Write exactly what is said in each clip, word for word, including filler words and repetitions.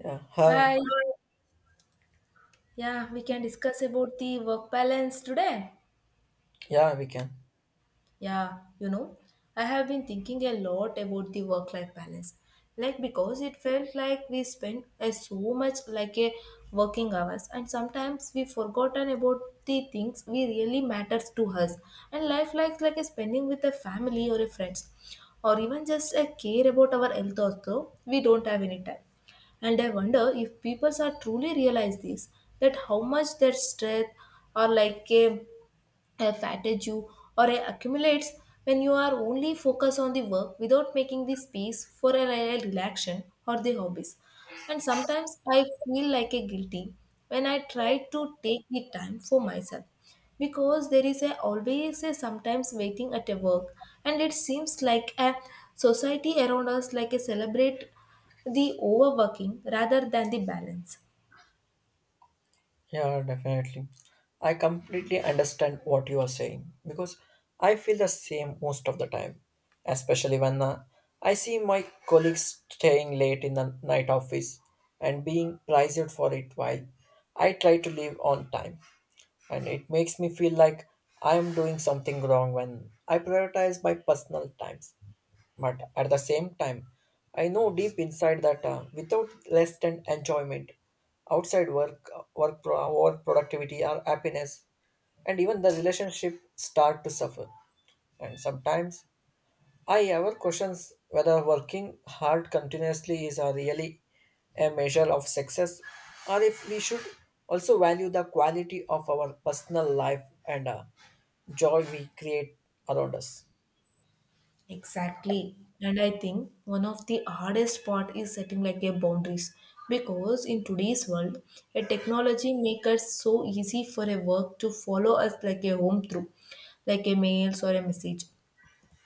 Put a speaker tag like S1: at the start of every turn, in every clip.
S1: Yeah, hi.
S2: Hi. Yeah, we can discuss about the work balance today.
S1: Yeah, we can.
S2: Yeah, you know, I have been thinking a lot about the work life balance. Like, because it felt like we spent a so much like a working hours, and sometimes we forgotten about the things we really matters to us and life likes like a spending with a family or a friends or even just a care about our health. Also, we don't have any time, and I wonder if people are truly realize this, that how much their strength or like a uh, fatigue you, or it accumulates when you are only focused on the work without making the space for a real relaxation or the hobbies. And sometimes I feel like a guilty when I try to take the time for myself, because there is a always a sometimes waiting at a work, and it seems like a society around us like a celebrate the overworking rather than the balance.
S1: Yeah, definitely. I completely understand what you are saying because I feel the same most of the time, especially when uh, I see my colleagues staying late in the night office and being praised for it while I try to leave on time. And it makes me feel like I am doing something wrong when I prioritize my personal times. But at the same time, I know deep inside that uh, without rest and enjoyment, outside work, work, pro- work productivity, or happiness, and even the relationship start to suffer. And sometimes I ever questions whether working hard continuously is a really a measure of success, or if we should also value the quality of our personal life and uh, joy we create around us.
S2: Exactly. And I think one of the hardest part is setting like a boundaries, because in today's world, a technology makes it so easy for a work to follow us like a home through, like a mails or a message.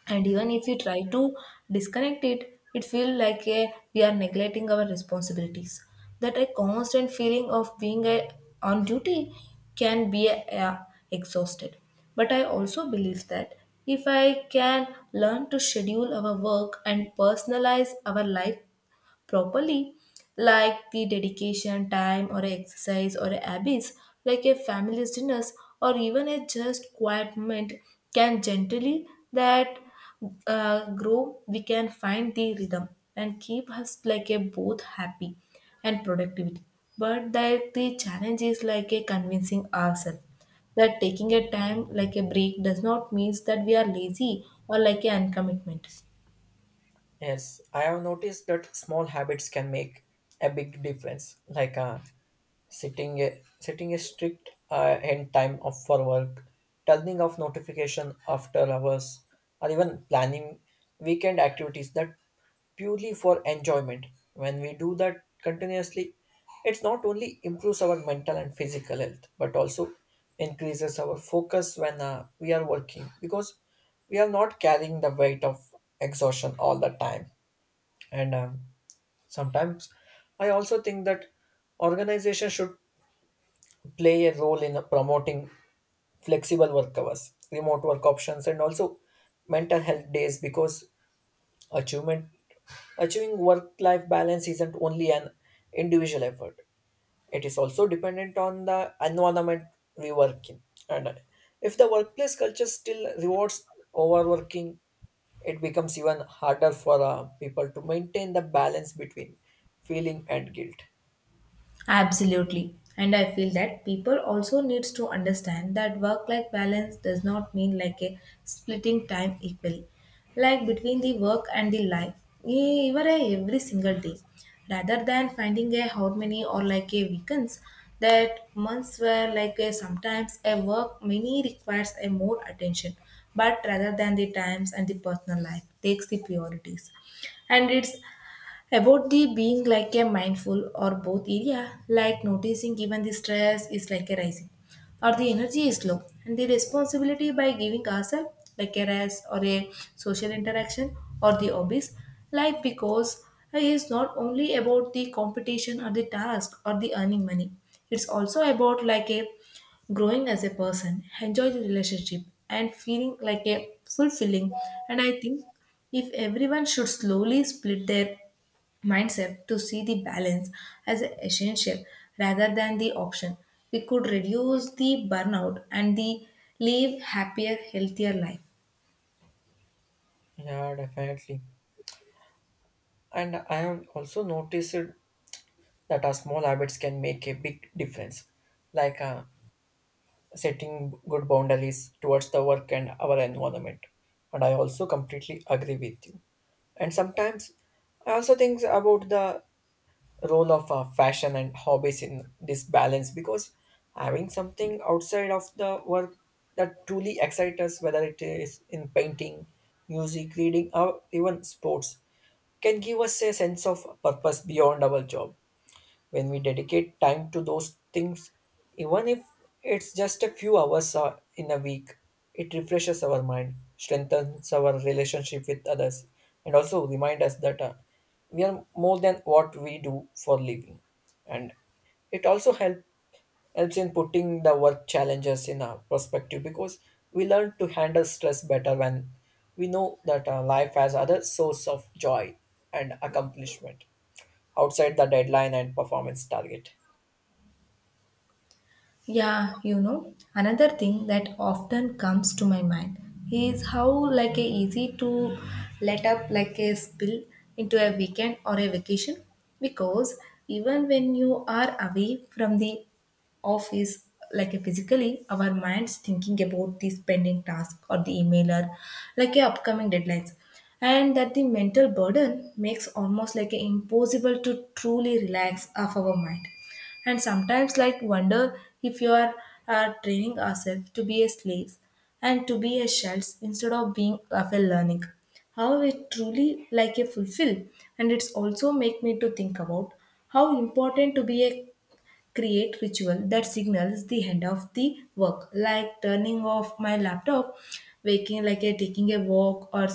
S2: And even if we try to disconnect it, it feels like a, we are neglecting our responsibilities, that a constant feeling of being a, on duty can be uh, exhausted. But I also believe that if I can learn to schedule our work and personalize our life properly, like the dedication, time, or exercise, or habits, like a family's dinners, or even a just quiet moment, can gently that uh, grow. We can find the rhythm and keep us like a both happy and productivity. But that the challenge is like a convincing ourselves that taking a time like a break does not mean that we are lazy or like a uncommitment.
S1: Yes, I have noticed that small habits can make a big difference, like uh, setting a setting a strict uh, end time of for work, turning off notification after hours, or even planning weekend activities that purely for enjoyment. When we do that continuously, it's not only improves our mental and physical health, but also increases our focus when uh, we are working because we are not carrying the weight of exhaustion all the time. And um, sometimes I also think that organizations should play a role in promoting flexible work hours, remote work options, and also mental health days because achievement achieving work life balance isn't only an individual effort. It is also dependent on the environment we work in. And if the workplace culture still rewards overworking, it becomes even harder for uh, people to maintain the balance between feeling and guilt.
S2: Absolutely. And I feel that people also needs to understand that work-life balance does not mean like a splitting time equally, like between the work and the life, e- even a every single day, rather than finding a how many or like a weekends that months where like a sometimes a work many requires a more attention, but rather than the times and the personal life takes the priorities. And it's about the being like a mindful or both area, like noticing even the stress is like a rising or the energy is low, and the responsibility by giving ourselves like a rest or a social interaction or the hobbies. Like, because it is not only about the competition or the task or the earning money, it's also about like a growing as a person, enjoy the relationship and feeling like a fulfilling. And I think if everyone should slowly split their mindset to see the balance as essential rather than the option. We could reduce the burnout and the live happier, healthier life.
S1: Yeah, definitely. And I have also noticed that our small habits can make a big difference, like uh, setting good boundaries towards the work and our environment. And I also completely agree with you. And sometimes I also think about the role of uh, fashion and hobbies in this balance because having something outside of the work that truly excites us, whether it is in painting, music, reading, or even sports, can give us a sense of purpose beyond our job when we dedicate time to those things, even if it's just a few hours uh, in a week, it refreshes our mind, strengthens our relationship with others, and also remind us that uh, we are more than what we do for living. And it also help, helps in putting the work challenges in our perspective because we learn to handle stress better when we know that uh, life has other source of joy and accomplishment outside the deadline and performance target.
S2: Yeah, you know, another thing that often comes to my mind is how like a easy to let up like a spill into a weekend or a vacation, because even when you are away from the office like a physically, our minds thinking about the pending task or the email or like a upcoming deadlines, and that the mental burden makes almost like a impossible to truly relax off our mind. And sometimes like wonder if you are uh, training ourselves to be a slaves and to be a shells instead of being of a learning how it truly like a fulfill. And it's also make me to think about how important to be a create ritual that signals the end of the work, like turning off my laptop, waking like a taking a walk, or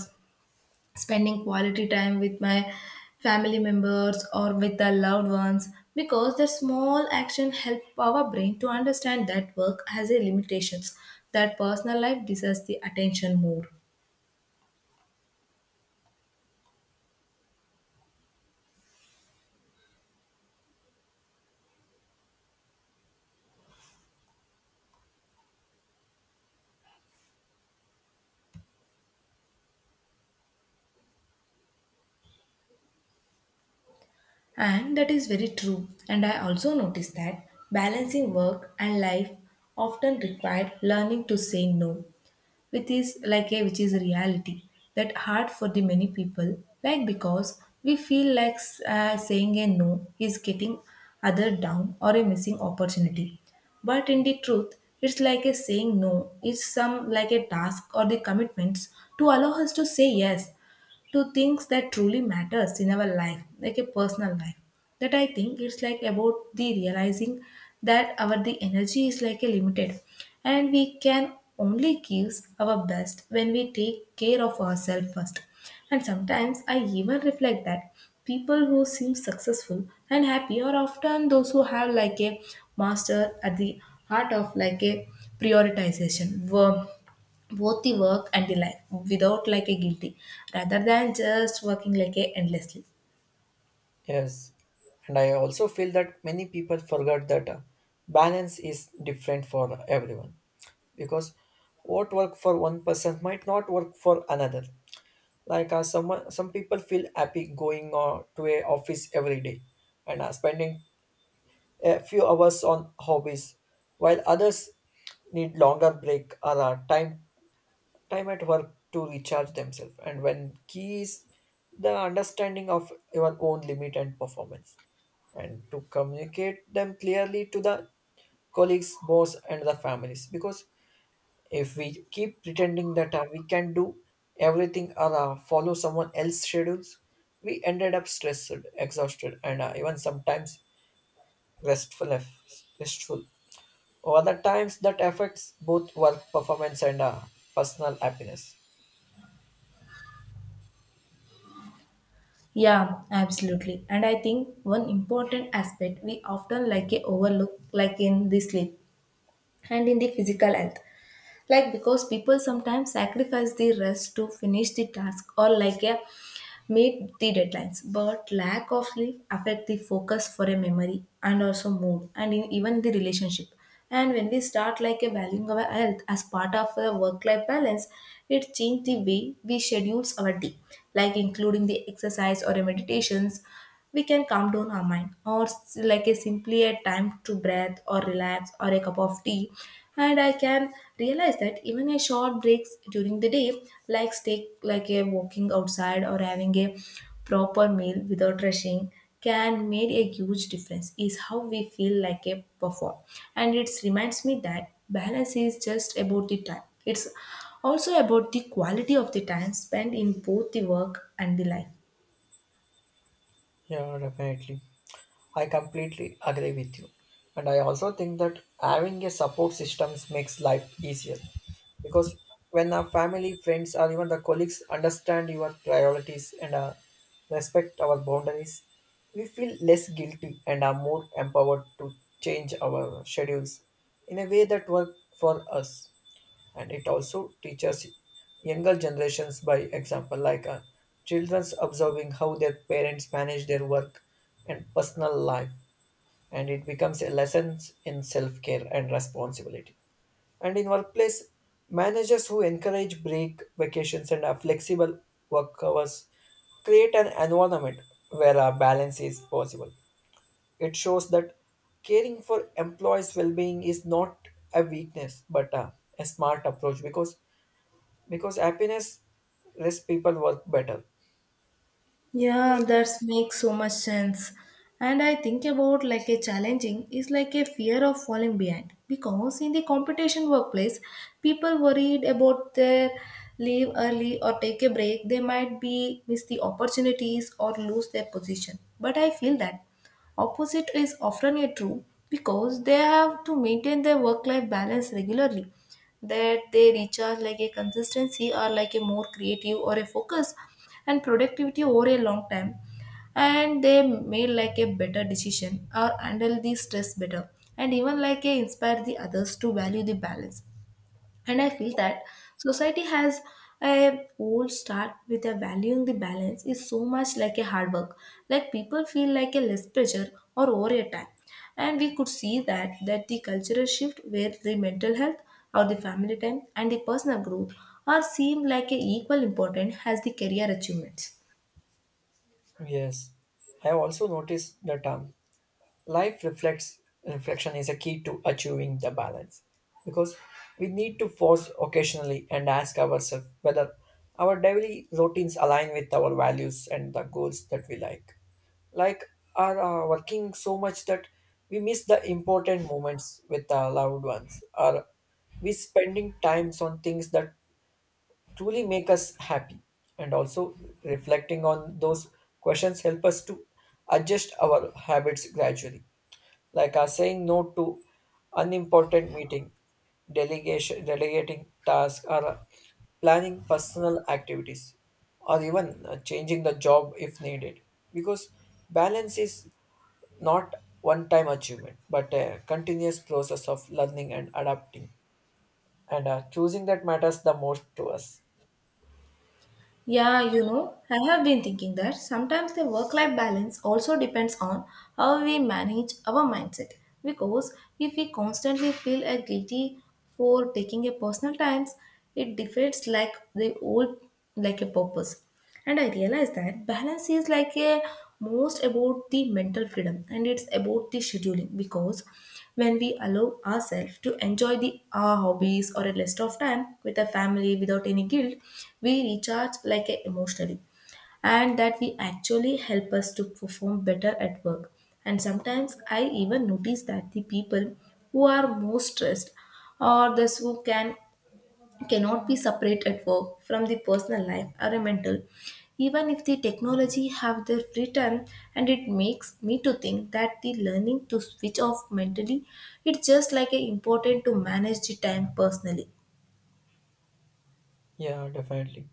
S2: spending quality time with my family members or with the loved ones, because the small action help our brain to understand that work has a limitations, that personal life deserves the attention more. And that is very true. And I also noticed that balancing work and life often required learning to say no, which is like a which is a reality that hard for the many people, like because we feel like uh, saying a no is getting other down or a missing opportunity. But in the truth, it's like a saying no is some like a task or the commitments to allow us to say yes to things that truly matters in our life like a personal life. That I think it's like about the realizing that our the energy is like a limited, and we can only give our best when we take care of ourselves first. And sometimes I even reflect that people who seem successful and happy are often those who have like a master at the heart of like a prioritization worm both the work and the life without like a guilty rather than just working like a endlessly.
S1: Yes, and I also feel that many people forget that uh, balance is different for everyone because what work for one person might not work for another. Like uh, someone, some people feel happy going uh, to a office every day and uh, spending a few hours on hobbies, while others need longer break or uh, time time at work to recharge themselves. And when key is the understanding of your own limit and performance and to communicate them clearly to the colleagues, boss, and the families. Because if we keep pretending that uh, we can do everything or uh, follow someone else's schedules, we ended up stressed, exhausted, and uh, even sometimes restful. Restful. Over the times that affects both work performance and uh, personal happiness.
S2: Yeah, absolutely. And I think one important aspect we often like a overlook like in the sleep and in the physical health, like because people sometimes sacrifice the rest to finish the task or like a meet the deadlines. But lack of sleep affect the focus for a memory and also mood and in, even the relationship. And when we start like a valuing our health as part of a work-life balance, it change the way we schedules our day, like including the exercise or a meditations. We can calm down our mind or s- like a simply a time to breathe or relax or a cup of tea. And I can realize that even a short breaks during the day, like take like a walking outside or having a proper meal without rushing, can make a huge difference is how we feel like a perform. And it reminds me that balance is just about the time, it's also about the quality of the time spent in both the work and the life.
S1: Yeah, definitely. I completely agree with you. And I also think that having a support systems makes life easier because when our family, friends, or even the colleagues understand your priorities and uh, respect our boundaries, we feel less guilty and are more empowered to change our schedules in a way that works for us. And it also teaches younger generations by example like uh, children's observing how their parents manage their work and personal life, and it becomes a lesson in self-care and responsibility. And in workplace, managers who encourage break vacations and uh, flexible work hours create an environment where a balance is possible. It shows that caring for employees' well being is not a weakness but a, a smart approach because because happiness less people work better.
S2: Yeah, that makes so much sense. And I think about like a challenging is like a fear of falling behind, because in the competition workplace, people worried about their leave early or take a break. They might be miss the opportunities or lose their position. But I feel that opposite is often a true, because they have to maintain their work life balance regularly, that they recharge like a consistency or like a more creative or a focus and productivity over a long time, and they made like a better decision or handle the stress better and even like a inspire the others to value the balance. And I feel that society has a old start with a valuing the balance is so much like a hard work, like people feel like a less pressure or over a time, and we could see that that the cultural shift where the mental health or the family time and the personal growth are seen like a equal important as the career achievements.
S1: Yes, I have also noticed that um, life reflects reflection is a key to achieving the balance because we need to pause occasionally and ask ourselves whether our daily routines align with our values and the goals that we like. Like are uh, working so much that we miss the important moments with our loved ones, or we spending times on things that truly make us happy. And also reflecting on those questions help us to adjust our habits gradually, like our saying no to unimportant meeting, delegation delegating tasks, or planning personal activities, or even uh, changing the job if needed, because balance is not one time achievement but a continuous process of learning and adapting and uh, choosing that matters the most to us.
S2: Yeah, you know, I have been thinking that sometimes the work life balance also depends on how we manage our mindset. Because if we constantly feel a guilty for taking a personal times, it defeats like the old like a purpose. And I realized that balance is like a most about the mental freedom, and it's about the scheduling, because when we allow ourselves to enjoy the our hobbies or a rest of time with a family without any guilt, we recharge like a emotionally, and that we actually help us to perform better at work. And sometimes I even notice that the people who are most stressed, or those who can cannot be separate at work from the personal life or a mental even if the technology have their free time. And it makes me to think that the learning to switch off mentally, it's just like a important to manage the time personally.
S1: Yeah, definitely.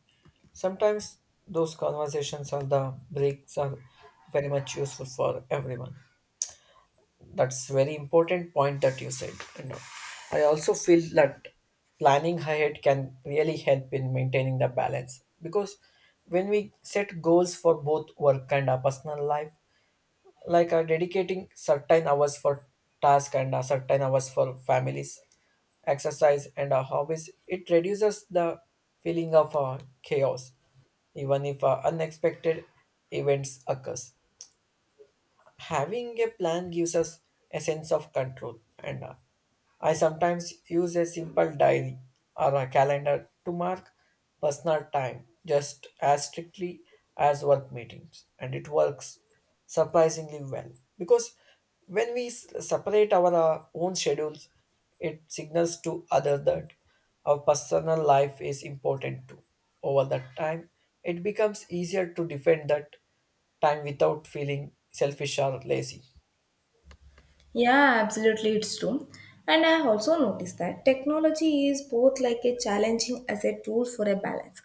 S1: Sometimes those conversations or the breaks are very much useful for everyone. That's very important point that you said. You know, I also feel that planning ahead can really help in maintaining the balance because when we set goals for both work and our personal life, like uh, dedicating certain hours for task and uh, certain hours for families, exercise and uh, hobbies, it reduces the feeling of uh, chaos even if uh, unexpected events occurs. Having a plan gives us a sense of control, and uh, I sometimes use a simple diary or a calendar to mark personal time just as strictly as work meetings, and it works surprisingly well because when we s- separate our uh, own schedules, it signals to others that our personal life is important too. Over that time, it becomes easier to defend that time without feeling selfish or lazy.
S2: Yeah, absolutely, it's true. And I have also noticed that technology is both like a challenging as a tool for a balance.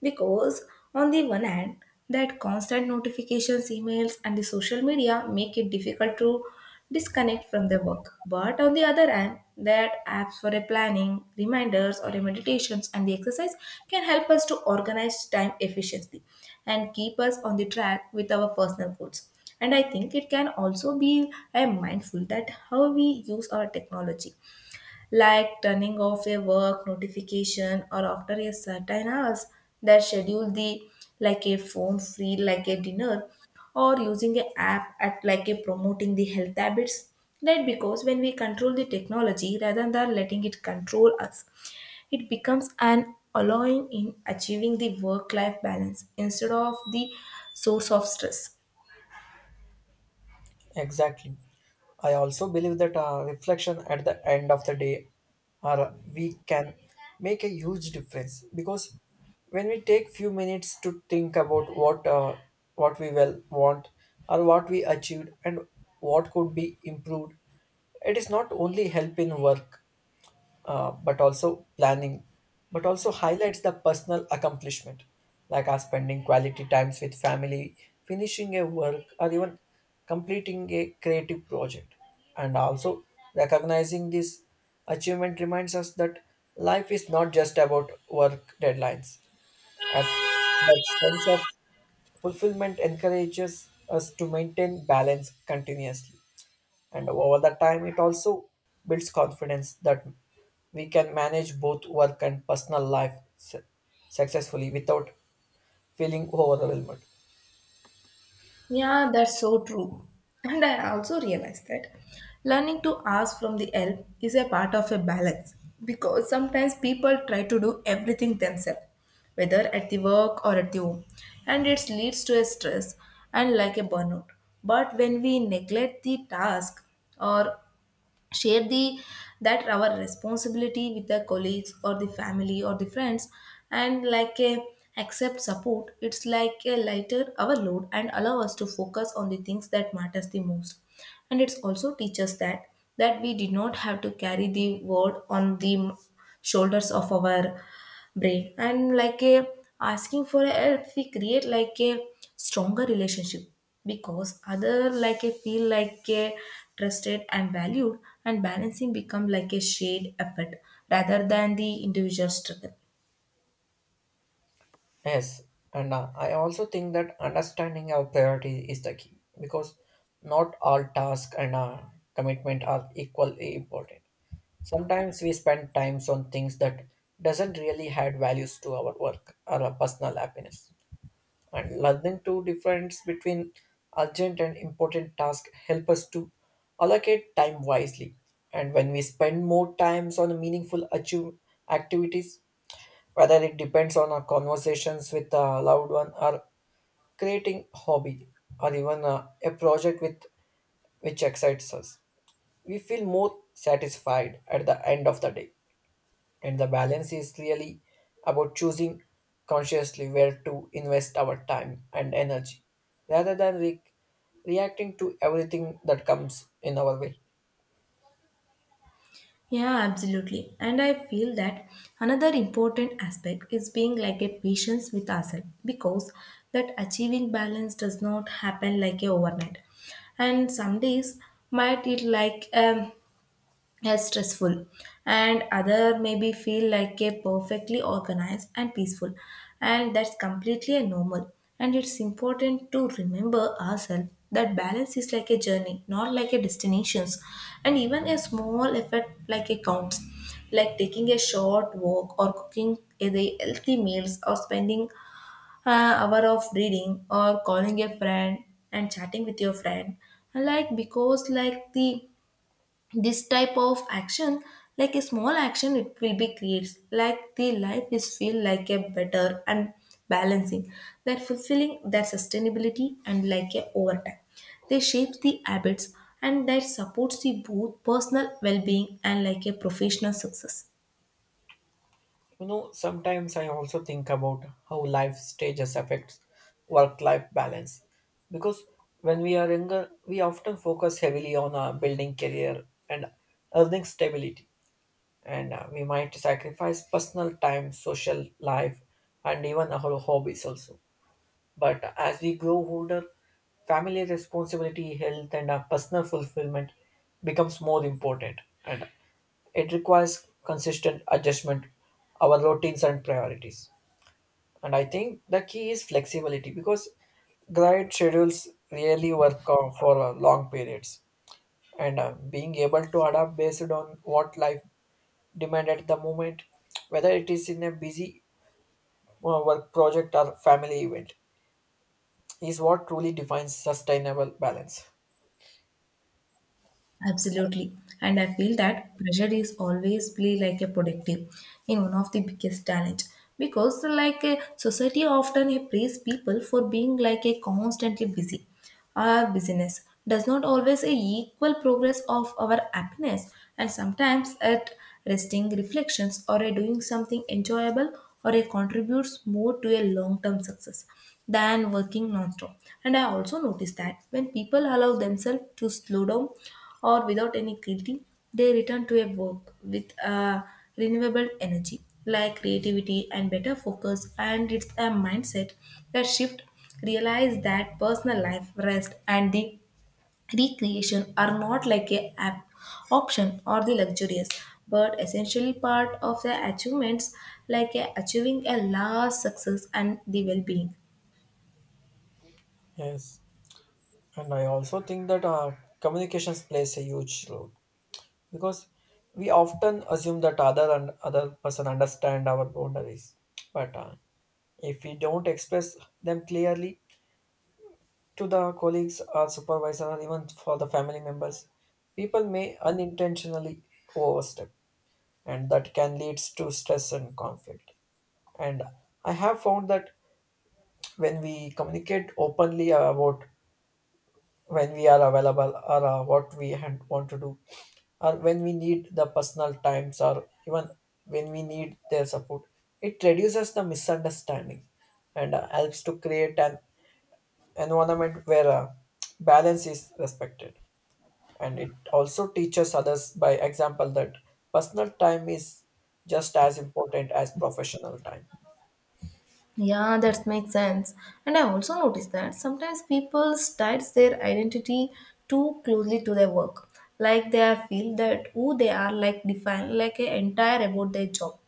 S2: Because, on the one hand, that constant notifications, emails, and the social media make it difficult to disconnect from the work. But on the other hand, that apps for a planning, reminders, or a meditations and the exercise can help us to organize time efficiently and keep us on the track with our personal goals. And I think it can also be a mindful that how we use our technology, like turning off a work notification or after a certain hours, that schedule the like a phone free like a dinner or using a app at like a promoting the health habits, right? Because when we control the technology rather than letting it control us, it becomes an allowing in achieving the work life balance instead of the source of stress.
S1: Exactly. I also believe that uh, reflection at the end of the day or we can make a huge difference because when we take few minutes to think about what uh, what we well want or what we achieved and what could be improved, it is not only help in work uh, but also planning, but also highlights the personal accomplishment, like us spending quality times with family, finishing a work, or even completing a creative project. And also recognizing this achievement reminds us that life is not just about work deadlines. At the sense of fulfillment encourages us to maintain balance continuously, and over the time it also builds confidence that we can manage both work and personal life su- successfully without feeling overwhelmed.
S2: Yeah, that's so true. And I also realized that learning to ask from the help is a part of a balance because sometimes people try to do everything themselves, whether at the work or at the home, and it leads to a stress and like a burnout. But when we neglect the task or share the that our responsibility with the colleagues or the family or the friends and like a accept support, it's like a lighter our load and allow us to focus on the things that matters the most. And it's also teaches that that we did not have to carry the world on the shoulders of our brain, and like a asking for a help, we create like a stronger relationship because other like a feel like a trusted and valued, and balancing become like a shared effort rather than the individual struggle.
S1: Yes, and uh, I also think that understanding our priority is the key because not all tasks and uh, commitment are equally important. Sometimes we spend times on things that doesn't really add values to our work or our personal happiness, and learning to difference between urgent and important tasks help us to allocate time wisely. And when we spend more times on meaningful achieve activities, whether it depends on our conversations with a loved one, or creating hobby, or even a, a project with which excites us, we feel more satisfied at the end of the day. And the balance is really about choosing consciously where to invest our time and energy rather than re- reacting to everything that comes in our way.
S2: Yeah, absolutely. And I feel that another important aspect is being like a patience with ourselves because that achieving balance does not happen like a overnight. And some days might it like um, as stressful and other maybe feel like a perfectly organized and peaceful, and that's completely a normal. And it's important to remember ourselves that balance is like a journey, not like a destinations. And even a small effort like a counts, like taking a short walk or cooking a the healthy meals or spending an hour of reading or calling a friend and chatting with your friend, like because like the this type of action, like a small action, it will be creates like the life is feel like a better. And balancing that fulfilling their sustainability and like a overtime, they shape the habits and that supports the both personal well-being and like a professional success.
S1: You know, sometimes I also think about how life stages affects work life balance because when we are younger, we often focus heavily on uh, building career and earning stability, and uh, we might sacrifice personal time, social life, and even our hobbies also. But as we grow older, family responsibility, health, and our personal fulfillment becomes more important, and it requires consistent adjustment, our routines and priorities. And I think the key is flexibility because grind schedules really work out for uh, long periods, and uh, being able to adapt based on what life demand at the moment, whether it is in a busy uh, work project or family event, is what truly defines sustainable balance.
S2: Absolutely. And I feel that pressure is always play like a productive in one of the biggest challenge because like a society often praise people for being like a constantly busy. Our busyness does not always a equal progress of our happiness. And sometimes at resting reflections or a doing something enjoyable or a contributes more to a long-term success than working non-stop. And I also noticed that when people allow themselves to slow down or without any guilty, they return to a work with uh, renewable energy like creativity and better focus. And it's a mindset that shift realize that personal life, rest, and the recreation are not like a app option or the luxurious, but essentially part of the achievements, like a achieving a large success and the well-being.
S1: Yes, and I also think that uh, communications plays a huge role because we often assume that other and other person understand our boundaries, but uh, if we don't express them clearly to the colleagues or supervisor or even for the family members, people may unintentionally overstep, and that can lead to stress and conflict. And I have found that when we communicate openly about when we are available or uh, what we had, want to do, or when we need the personal times, or even when we need their support, it reduces the misunderstanding and uh, helps to create an environment where uh, balance is respected. And it also teaches others by example that personal time is just as important as professional time.
S2: Yeah, that makes sense. And I also noticed that sometimes people ties their identity too closely to their work. Like they are feel that who they are like define like an entire about their job,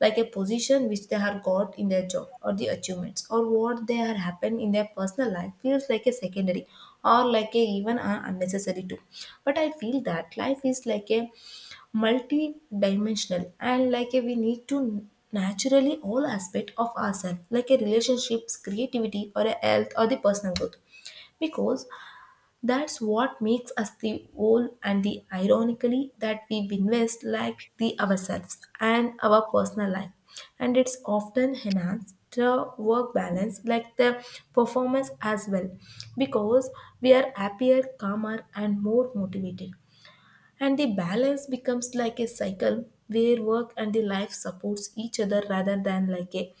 S2: like a position which they have got in their job or the achievements or what they have happened in their personal life feels like a secondary or like a even a unnecessary too. But I feel that life is like a multi-dimensional and like a, we need to naturally all aspect of ourselves like a relationships, creativity or a health or the personal growth, because that's what makes us the whole. And the ironically that we invest like the ourselves and our personal life. And it's often enhanced the work balance like the performance as well, because we are happier, calmer and more motivated. And the balance becomes like a cycle where work and the life supports each other rather than like a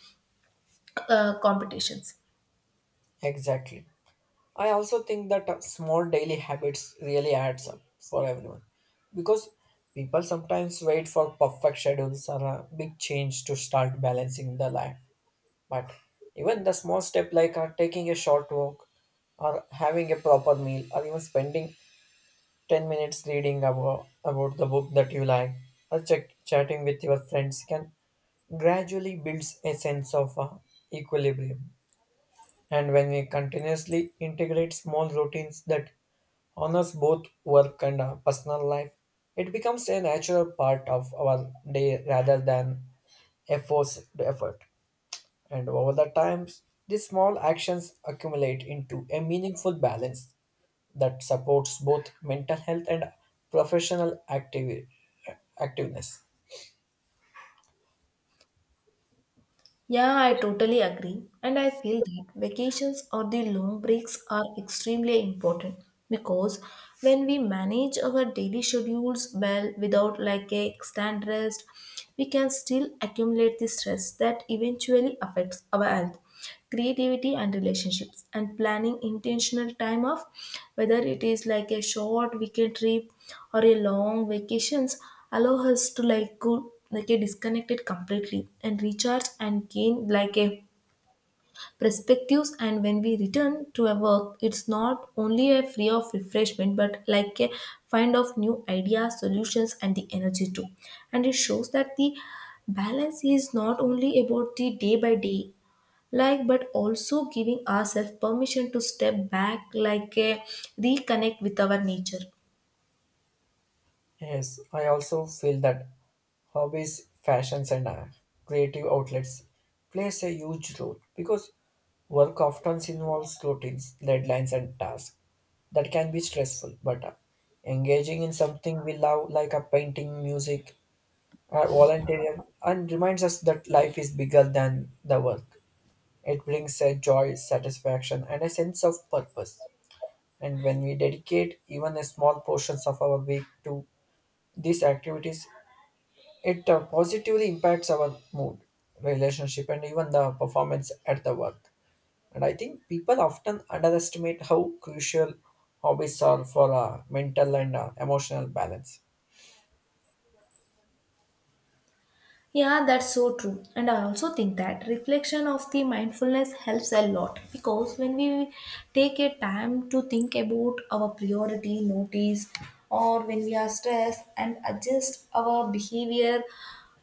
S2: uh, competitions.
S1: Exactly, I also think that uh, small daily habits really adds up for everyone because people sometimes wait for perfect schedules or a big change to start balancing the life. But even the small step like uh, taking a short walk or having a proper meal or even spending ten minutes reading about, about the book that you like or check, chatting with your friends can gradually builds a sense of uh, equilibrium. And when we continuously integrate small routines that honors both work and uh, personal life, it becomes a natural part of our day rather than a forced effort. And over the times, these small actions accumulate into a meaningful balance that supports both mental health and professional activi- activeness.
S2: Yeah, I totally agree. And I feel that vacations or the long breaks are extremely important because when we manage our daily schedules well without like a extended rest, we can still accumulate the stress that eventually affects our health, creativity and relationships. And planning intentional time off, whether it is like a short weekend trip or a long vacations, allow us to like go like a disconnected completely and recharge and gain like a perspectives. And when we return to a work, it's not only a free of refreshment but like a find of new ideas, solutions and the energy too. And it shows that the balance is not only about the day by day, like but also giving ourselves permission to step back like a reconnect with our nature.
S1: Yes, I also feel that hobbies, fashions, and uh, creative outlets plays a huge role because work often involves routines, deadlines, and tasks that can be stressful. But uh, engaging in something we love, like a painting, music, or volunteering, and reminds us that life is bigger than the work. It brings a joy, satisfaction, and a sense of purpose. And when we dedicate even a small portions of our week to these activities, it uh, positively impacts our mood, relationship, and even the performance at the work. And I think people often underestimate how crucial hobbies are for uh, mental and uh, emotional balance.
S2: Yeah, that's so true. And I also think that reflection of the mindfulness helps a lot because when we take a time to think about our priority notice or when we are stressed and adjust our behavior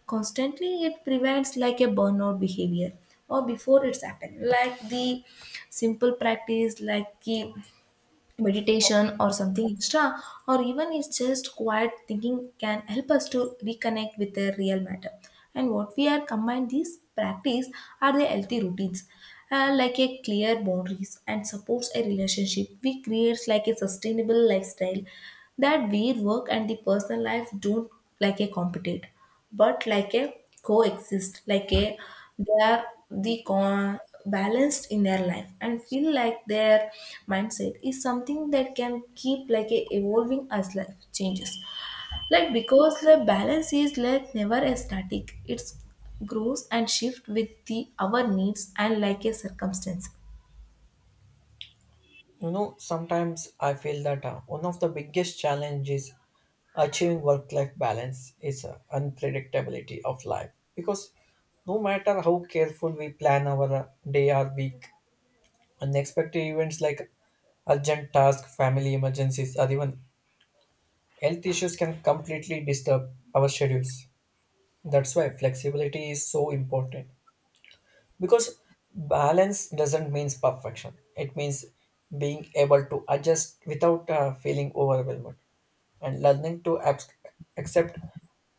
S2: constantly, it prevents like a burnout behavior or before it's happened. Like the simple practice like the meditation or something extra or even it's just quiet thinking can help us to reconnect with the real matter. And what we are combined these practice are the healthy routines, uh, like a clear boundaries and supports a relationship, we creates like a sustainable lifestyle that we work and the personal life don't like a competitive, but like a coexist like a they are the con- balanced in their life and feel like their mindset is something that can keep like a evolving as life changes, like because the balance is like never a static. It's grows and shift with the our needs and like a circumstance.
S1: You know, sometimes I feel that uh, one of the biggest challenges achieving work-life balance is uh, unpredictability of life because no matter how careful we plan our uh, day or week, unexpected events like urgent tasks, family emergencies, or even health issues can completely disturb our schedules. That's why flexibility is so important. Because balance doesn't mean perfection. It means being able to adjust without uh, feeling overwhelmed, and learning to abs- accept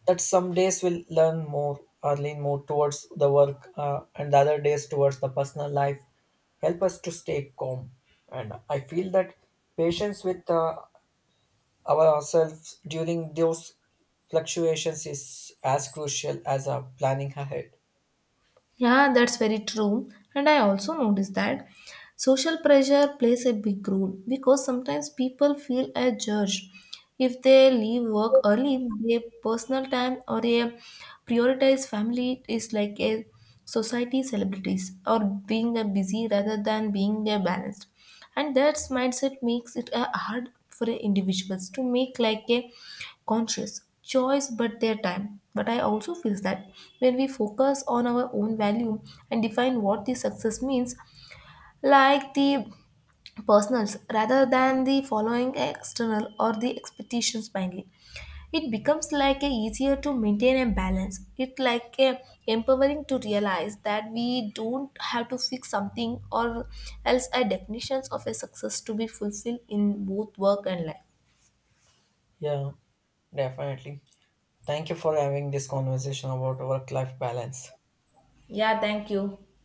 S1: that some days will learn more or lean more towards the work uh, and the other days towards the personal life help us to stay calm. And I feel that patience with uh, ourselves during those fluctuations is as crucial as our planning ahead.
S2: Yeah, that's very true. And I also noticed that social pressure plays a big role because sometimes people feel a judge. If they leave work early, their personal time or a prioritized family is like a society celebrities or being a busy rather than being a balanced, and that mindset makes it uh, hard for individuals to make like a conscious choice but their time. But I also feel that when we focus on our own value and define what the success means, like the personals rather than the following external or the expectations blindly, it becomes like a easier to maintain a balance. It like a empowering to realize that we don't have to fix something or else our definitions of a success to be fulfilled in both work and life.
S1: Yeah, definitely. Thank you for having this conversation about work life balance.
S2: Yeah, thank you.